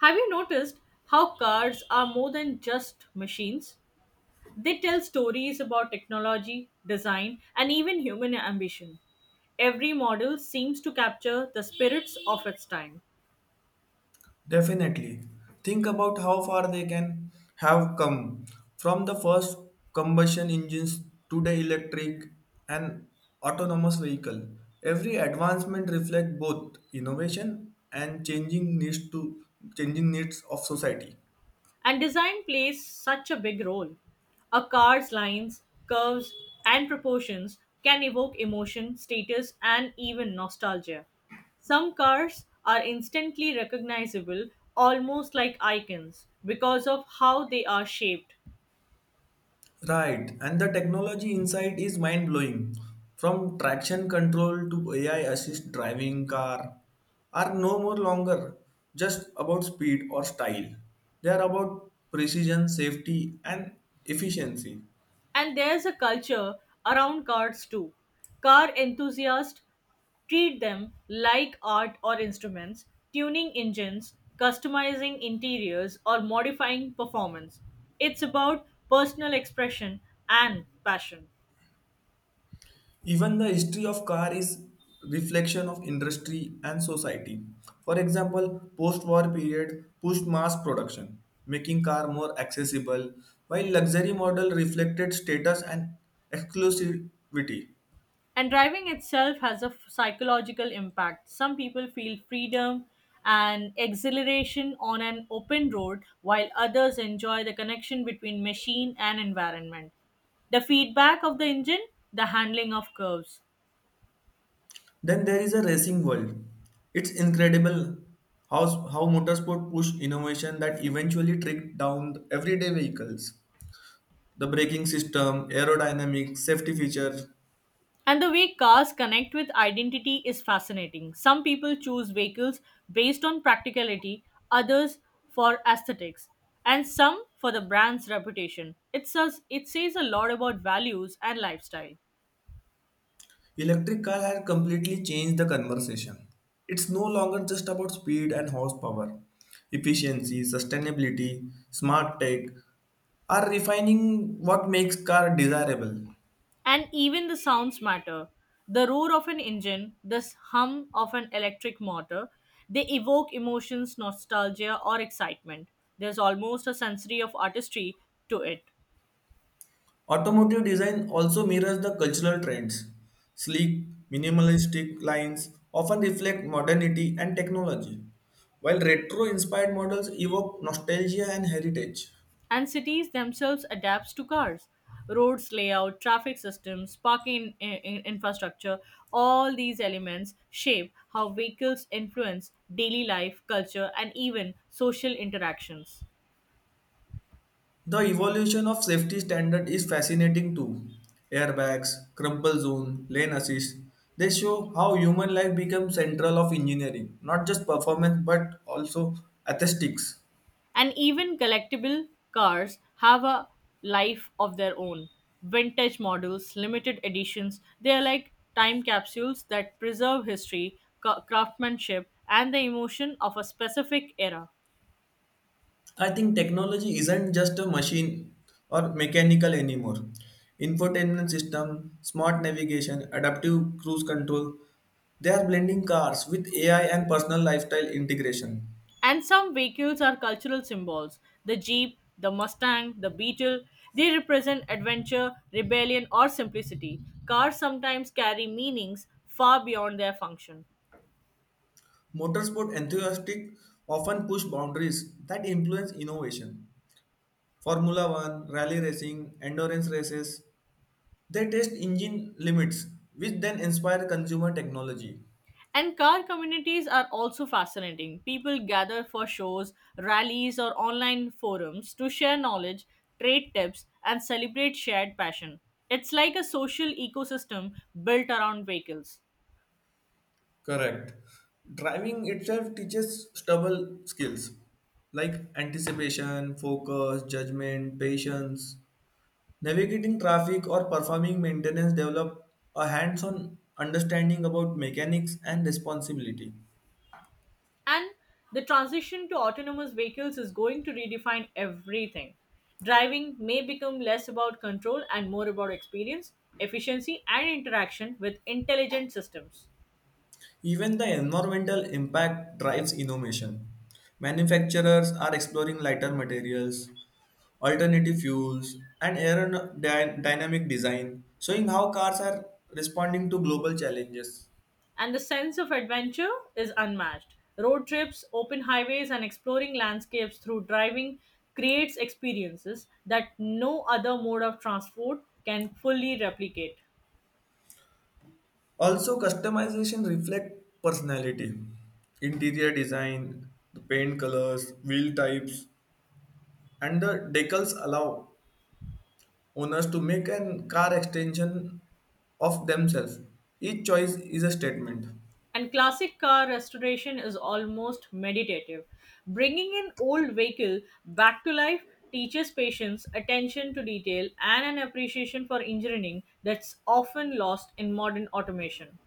Have you noticed how cards are more than just machines? They tell stories about technology, design, and even human ambition. Every model seems to capture the spirits of its time. Definitely. Think about how far they can have come from the first combustion engines to the electric and autonomous vehicle. Every advancement reflects both innovation and changing needs of society. And design plays such a big role. A car's lines, curves, and proportions can evoke emotion, status, and even nostalgia. Some cars are instantly recognizable, almost like icons, because of how they are shaped. Right, and the technology inside is mind blowing. From traction control to AI assist driving car are no more longer just about speed or style. They are about precision, safety, and efficiency. And there's a culture around cars too. Car enthusiasts treat them like art or instruments, tuning engines, customizing interiors, or modifying performance. It's about personal expression and passion. Even the history of car is reflection of industry and society. For example, post-war period pushed mass production, making car more accessible, while luxury model reflected status and exclusivity. And driving itself has a psychological impact. Some people feel freedom and exhilaration on an open road, while others enjoy the connection between machine and environment, the feedback of the engine, the handling of curves. Then there is a racing world. It's incredible how motorsport pushed innovation that eventually tricked down everyday vehicles. The braking system, aerodynamics, safety feature, And the way cars connect with identity is fascinating. Some people choose vehicles based on practicality, others for aesthetics, and some for the brand's reputation. It says a lot about values and lifestyle. electric car has completely changed the conversation. It's no longer just about speed and horsepower. Efficiency, sustainability, smart tech are refining what makes car desirable. And even the sounds matter. The roar of an engine, the hum of an electric motor, they evoke emotions, nostalgia, or excitement. There's almost a sensory of artistry to it. Automotive design also mirrors the cultural trends. Sleek, minimalistic lines often reflect modernity and technology, while retro-inspired models evoke nostalgia and heritage. And cities themselves adapts to cars, roads, layout, traffic systems, parking, infrastructure, all these elements shape how vehicles influence daily life, culture, and even social interactions. The evolution of safety standard is fascinating too. Airbags, crumple zone, lane assist, they show how human life becomes central of engineering, not just performance but also aesthetics. And even collectible cars have a life of their own. Vintage models, limited editions, they are like time capsules that preserve history, craftsmanship, and the emotion of a specific era. I think technology isn't just a machine or mechanical anymore. Infotainment system, smart navigation, adaptive cruise control, they are blending cars with AI and personal lifestyle integration. And some vehicles are cultural symbols. The Jeep, the Mustang, the Beetle, they represent adventure, rebellion, or simplicity. Cars sometimes carry meanings far beyond their function. Motorsport enthusiasts often push boundaries that influence innovation. Formula One, rally racing, endurance races, they test engine limits, which then inspire consumer technology. And car communities are also fascinating. People gather for shows, rallies, or online forums to share knowledge, trade tips, and celebrate shared passion. It's like a social ecosystem built around vehicles. Correct. Driving itself teaches stubble skills like anticipation, focus, judgment, patience. Navigating traffic or performing maintenance develop a hands on understanding about mechanics and responsibility. And the transition to autonomous vehicles is going to redefine everything. Driving may become less about control and more about experience, efficiency, and interaction with intelligent systems. Even the environmental impact drives innovation. Manufacturers are exploring lighter materials, alternative fuels, and aerodynamic design, showing how cars are responding to global challenges. And the sense of adventure is unmatched. Road trips, open highways, and exploring landscapes through driving creates experiences that no other mode of transport can fully replicate. Also, customization reflects personality. Interior design, the paint colors, wheel types, and the decals allow owners to make an car extension of themselves. Each choice is a statement. And classic car restoration is almost meditative. Bringing an old vehicle back to life teaches patience, attention to detail, and an appreciation for engineering that's often lost in modern automation.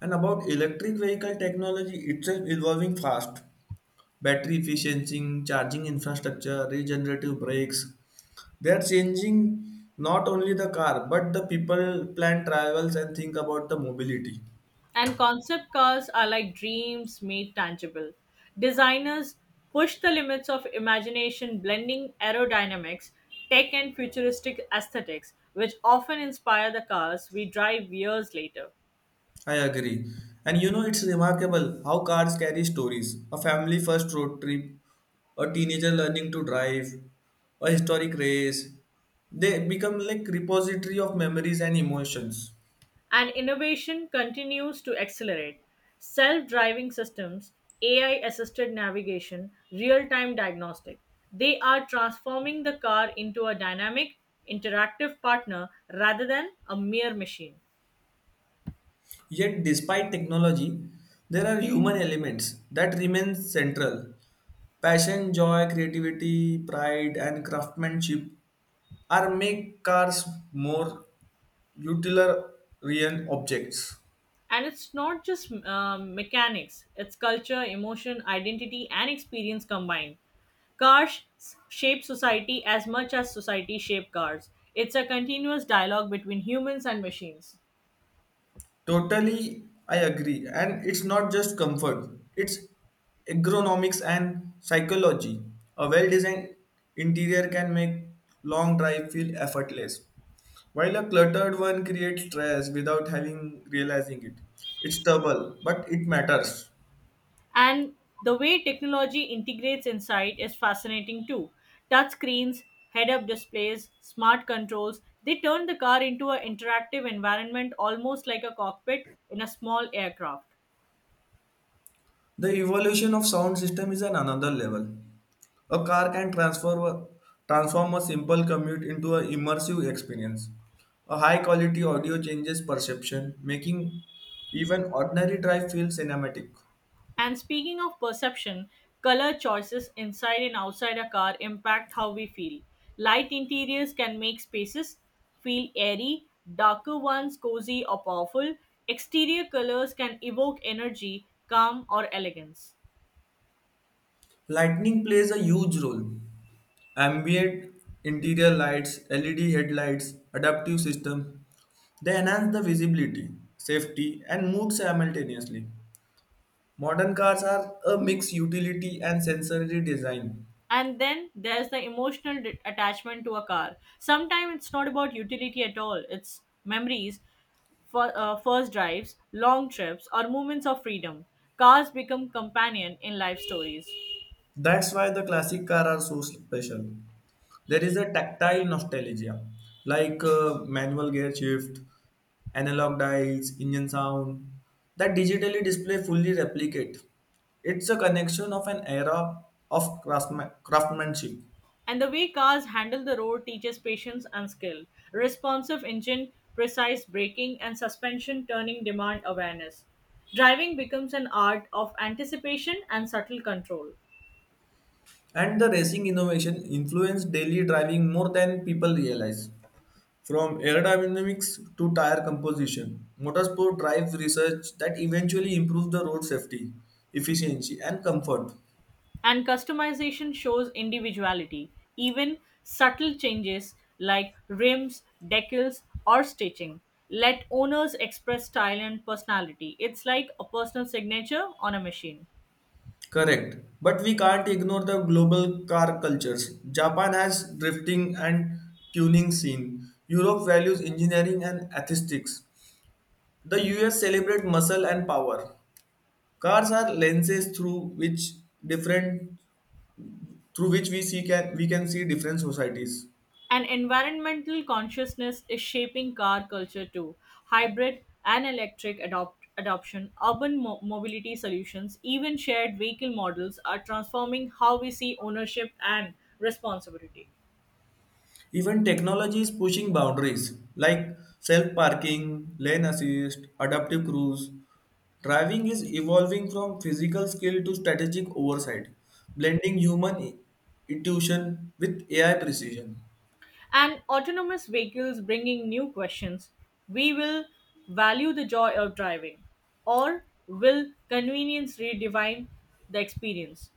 And about electric vehicle technology itself evolving fast. Battery efficiency, charging infrastructure, regenerative brakes. They are changing not only the car, but the people plan travels and think about the mobility. And concept cars are like dreams made tangible. Designers push the limits of imagination, blending aerodynamics, tech, and futuristic aesthetics, which often inspire the cars we drive years later. I agree. And you know, it's remarkable how cars carry stories. A family first road trip, a teenager learning to drive, a historic race. They become like repository of memories and emotions. And innovation continues to accelerate. Self driving systems, AI assisted navigation, real time diagnostic. They are transforming the car into a dynamic, interactive partner rather than a mere machine. Yet, despite technology, there are human elements that remain central. Passion, joy, creativity, pride, and craftsmanship are make cars more utilitarian objects. And it's not just mechanics, it's culture, emotion, identity, and experience combined. Cars shape society as much as society shape cars. It's a continuous dialogue between humans and machines. Totally, I agree. And it's not just comfort, it's ergonomics and psychology. A well designed interior can make long drive feel effortless, while a cluttered one creates stress without having realizing it. It's trouble, but it matters. And the way technology integrates inside is fascinating too. Touch screens, head up displays, smart controls, they turn the car into an interactive environment almost like a cockpit in a small aircraft. The evolution of sound system is an another level. A car can transform a simple commute into an immersive experience. A high quality audio changes perception, making even ordinary drive feel cinematic. And speaking of perception, color choices inside and outside a car impact how we feel. Light interiors can make spaces feel airy, darker ones cozy or powerful. Exterior colors can evoke energy, calm, or elegance. Lighting plays a huge role. Ambient interior lights, LED headlights, adaptive system, they enhance the visibility, safety, and mood simultaneously. Modern cars are a mix utility and sensory design. And then there's the emotional attachment to a car. Sometimes it's not about utility at all, it's memories for first drives, long trips, or moments of freedom. Cars become companion in life stories. That's why the classic car are so special. There is a tactile nostalgia, like manual gear shift, analog dials, engine sound, that digitally display fully replicate. It's a connection of an era of craftsmanship, And the way cars handle the road teaches patience and skill. Responsive engine, precise braking and suspension turning demand awareness. Driving becomes an art of anticipation and subtle control. and the racing innovation influenced daily driving more than people realize. From aerodynamics to tire composition, motorsport drives research that eventually improves the road safety, efficiency, and comfort. And customization shows individuality. Even subtle changes like rims, decals, or stitching let owners express style and personality. It's like a personal signature on a machine. Correct. But we can't ignore the global car cultures. Japan has drifting and tuning scene. Europe values engineering and aesthetics. The US celebrate muscle and power. Cars are lenses through which different through which we see can we can see different societies. And environmental consciousness is shaping car culture too. Hybrid and electric adoption, urban mobility solutions, even shared vehicle models are transforming how we see ownership and responsibility. Even technology is pushing boundaries like self parking, lane assist, adaptive cruise. Driving is evolving from physical skill to strategic oversight, blending human intuition with AI precision. And autonomous vehicles bringing new questions. We will value the joy of driving, or will convenience redefine the experience?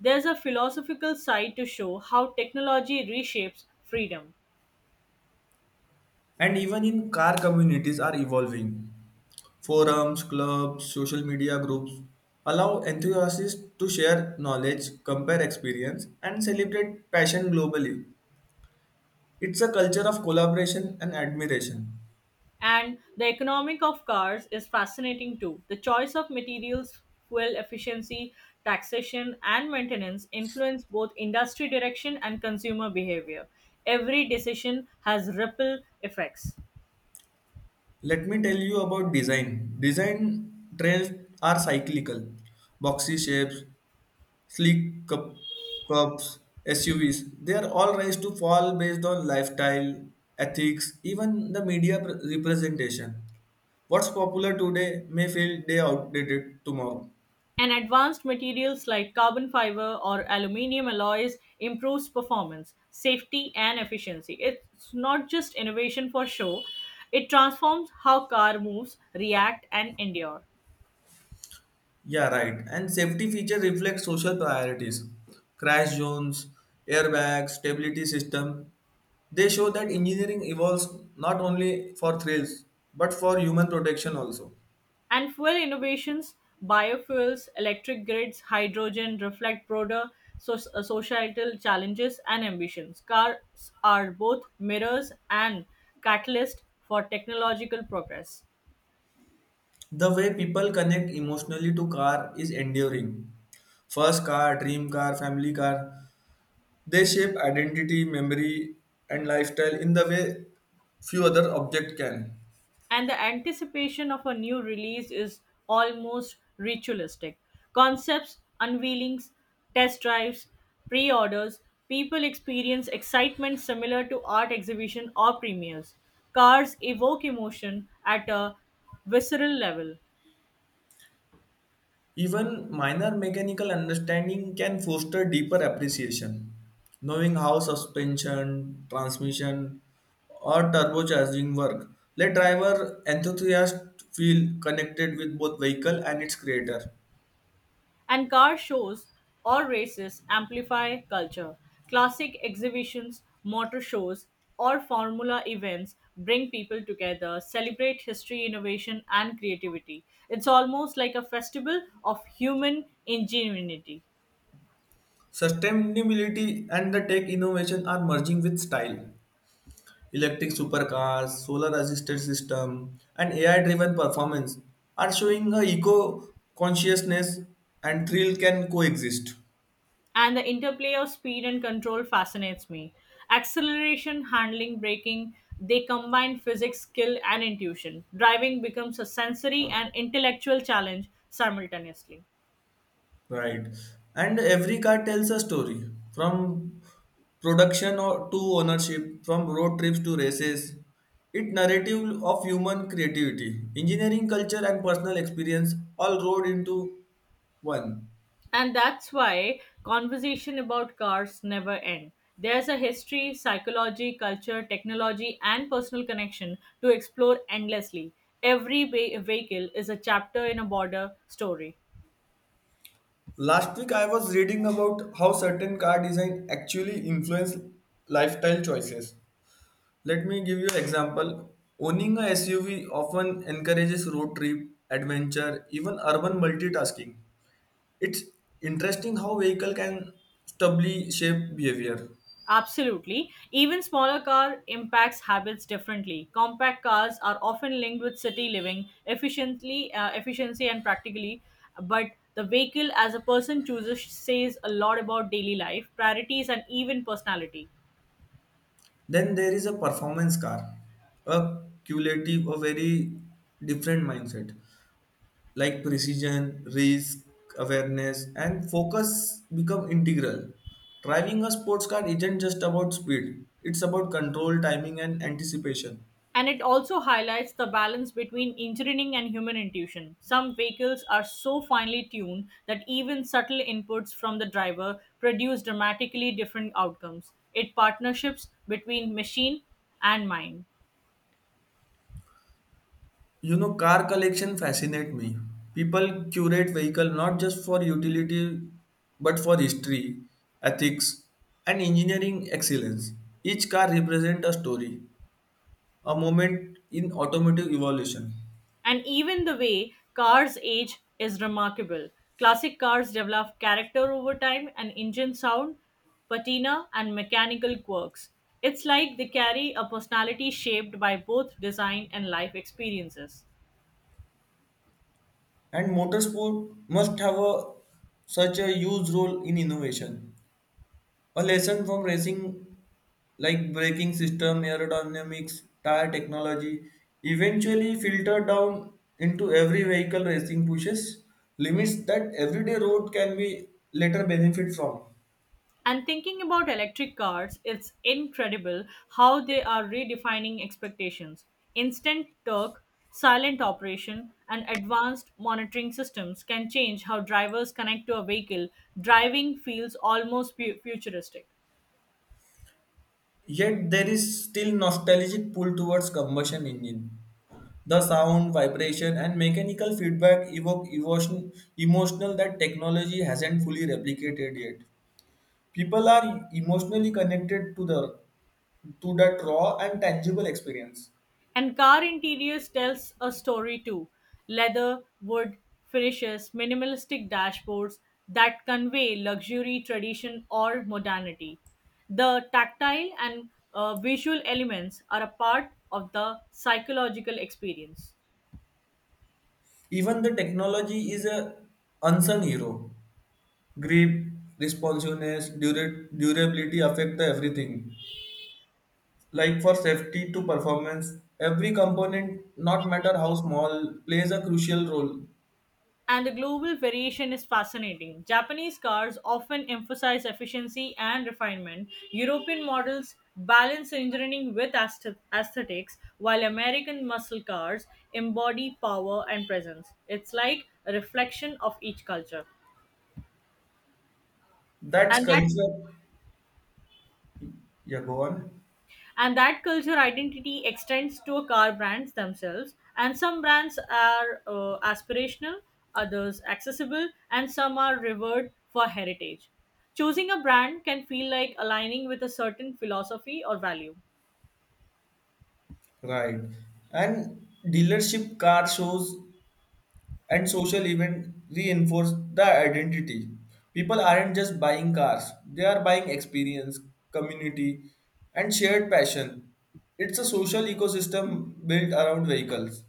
There's a philosophical side to show how technology reshapes freedom. And even in car communities are evolving. Forums, clubs, social media groups allow enthusiasts to share knowledge, compare experience, and celebrate passion globally. It's a culture of collaboration and admiration. And the economic of cars is fascinating too. The choice of materials, fuel efficiency, taxation, and maintenance influence both industry direction and consumer behavior. Every decision has ripple effects. Let me tell you about design. Design trends are cyclical. Boxy shapes, sleek cups, SUVs. They are all raised to fall based on lifestyle, ethics, even the media representation. What's popular today may feel day outdated tomorrow. And advanced materials like carbon fiber or aluminum alloys improves performance, safety, and efficiency. It's not just innovation for show, it transforms how car moves, react, and endure. Yeah, right. And safety feature reflects social priorities. Crash zones, airbags, stability system. They show that engineering evolves not only for thrills but for human protection also. And fuel innovations, biofuels, electric grids, hydrogen reflect broader so- societal challenges and ambitions. Cars are both mirrors and catalyst for technological progress. The way people connect emotionally to car is enduring. First car, dream car, family car. They shape identity, memory, and lifestyle in the way few other objects can. And the anticipation of a new release is almost ritualistic. Concepts, unveilings, test drives, pre orders, people experience excitement similar to art exhibition or premieres. Cars evoke emotion at a visceral level. Even minor mechanical understanding can foster deeper appreciation. Knowing how suspension, transmission, or turbocharging work let driver enthusiasts feel connected with both vehicle and its creator. And car shows or races amplify culture. Classic exhibitions, motor shows, or formula events bring people together, celebrate history, innovation, and creativity. It's almost like a festival of human ingenuity. Sustainability and the tech innovation are merging with style. Electric supercars, solar assisted system, and AI driven performance are showing a eco consciousness and thrill can coexist. And the interplay of speed and control fascinates me. Acceleration, handling, braking, they combine physics, skill, and intuition. Driving becomes a sensory and intellectual challenge simultaneously. Right. And every car tells a story from production or to ownership, from road trips to races. It narrative of human creativity, engineering culture and personal experience all rolled into one. And that's why conversation about cars never end. There's a history, psychology, culture, technology, and personal connection to explore endlessly. Every vehicle is a chapter in a border story. Last week I was reading about how certain car design actually influence lifestyle choices. Let me give you an example. Owning a SUV often encourages road trip, adventure, even urban multitasking. It's interesting how vehicle can stably shape behavior. Absolutely. Even smaller car impacts habits differently. Compact cars are often linked with city living, efficiency, and practically. But the vehicle, as a person chooses, says a lot about daily life, priorities, and even personality. Then there is a performance car, a cumulative, a very different mindset, like precision, risk awareness, and focus become integral. Driving a sports car isn't just about speed, it's about control, timing, and anticipation. And it also highlights the balance between engineering and human intuition. Some vehicles are so finely tuned that even subtle inputs from the driver produce dramatically different outcomes. It partnerships between machine and mind. You know, car collection fascinate me. People curate vehicle not just for utility, but for history, ethics, and engineering excellence. Each car represents a story, a moment in automotive evolution. And even the way cars age is remarkable. Classic cars develop character over time and engine sound, patina, and mechanical quirks. It's like they carry a personality shaped by both design and life experiences. And motorsport must have a such a huge role in innovation. A lesson from racing like braking system, aerodynamics, tire technology eventually filtered down into every vehicle racing pushes limits that everyday road can be later benefit from. And thinking about electric cars, it's incredible how they are redefining expectations. Instant torque, silent operation, and advanced monitoring systems can change how drivers connect to a vehicle. Driving feels almost futuristic. Yet there is still nostalgic pull towards combustion engine. The sound, vibration, and mechanical feedback evoke emotion, emotional that technology hasn't fully replicated yet. People are emotionally connected to the to that raw and tangible experience. And car interiors tells a story too. Leather, wood, finishes, minimalistic dashboards that convey luxury, tradition, or modernity. The tactile and visual elements are a part of the psychological experience. Even the technology is a unsung hero, grip, responsiveness, durability affect the everything, like for safety to performance. Every component not matter how small plays a crucial role. And the global variation is fascinating. Japanese cars often emphasize efficiency and refinement. European models balance engineering with aesthetics, while American muscle cars embody power and presence. It's like a reflection of each culture. That's And that culture. Yeah, go on. and that culture identity extends to car brands themselves, and some brands are aspirational, others accessible, and some are revered for heritage. Choosing a brand can feel like aligning with a certain philosophy or value. Right, and dealership car shows and social events reinforce the identity. People aren't just buying cars, they are buying experience, community, and shared passion. It's a social ecosystem built around vehicles.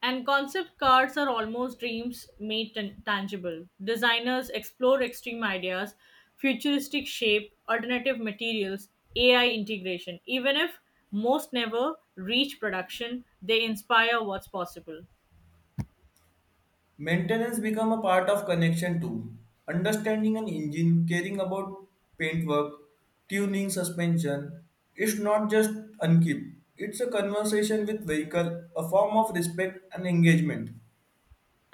And concept cars are almost dreams made tangible. Designers explore extreme ideas, futuristic shape, alternative materials, AI integration. Even if most never reach production, they inspire what's possible. Maintenance become a part of connection too. Understanding an engine, caring about paintwork, tuning, suspension, it's not just unkeep. It's a conversation with vehicle, a form of respect and engagement.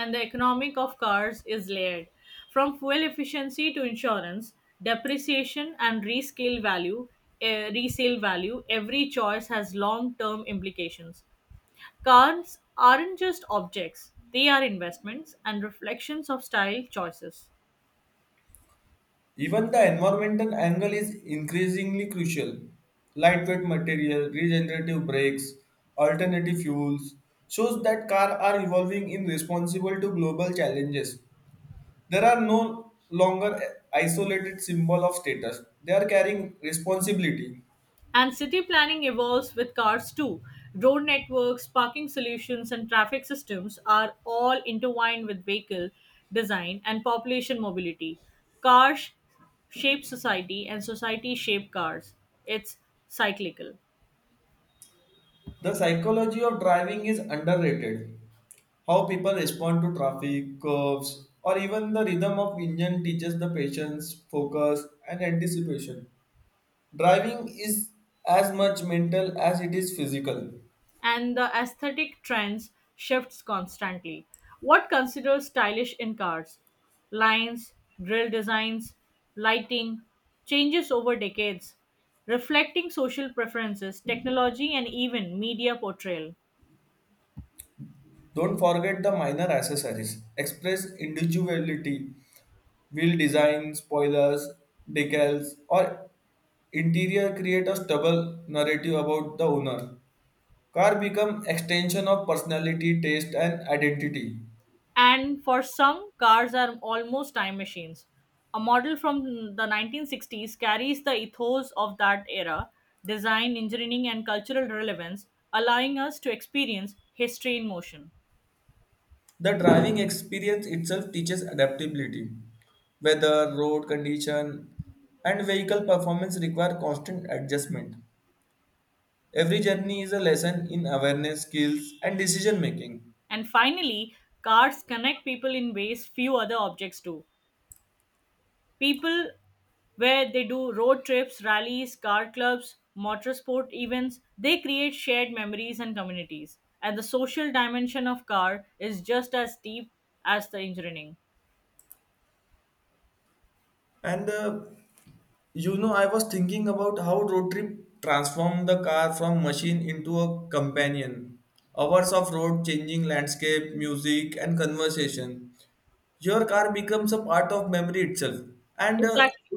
And the economic of cars is layered from fuel efficiency to insurance, depreciation, and resale value, every choice has long term implications. Cars aren't just objects, they are investments and reflections of style choices. Even the environmental angle is increasingly crucial. Lightweight material, regenerative brakes, alternative fuels shows that cars are evolving in responsible to global challenges. There are no longer isolated symbol of status. They are carrying responsibility. And city planning evolves with cars too. Road networks, parking solutions, and traffic systems are all intertwined with vehicle design and population mobility. Cars shape society, and society shape cars. It's cyclical. The psychology of driving is underrated. How people respond to traffic, curves, or even the rhythm of engine teaches the patience, focus, and anticipation. Driving is as much mental as it is physical. And the aesthetic trends shifts constantly. What considers stylish in cars? Lines, grille designs, lighting, changes over decades, reflecting social preferences, technology, and even media portrayal. Don't forget the minor accessories. Express individuality, wheel design, spoilers, decals, or interior create a stable narrative about the owner. Car become extension of personality, taste, and identity. And for some, cars are almost time machines. A model from the 1960s carries the ethos of that era, design, engineering, and cultural relevance, allowing us to experience history in motion. The driving experience itself teaches adaptability. Weather, road condition, and vehicle performance require constant adjustment. Every journey is a lesson in awareness, skills, and decision making. And finally, cars connect people in ways few other objects do. People where they do road trips, rallies, car clubs, motorsport events, they create shared memories and communities. And the social dimension of car is just as deep as the engineering. And You know, I was thinking about how road trip transformed the car from machine into a companion. Hours of road changing landscape, music, and conversation. Your car becomes a part of memory itself. And Exactly.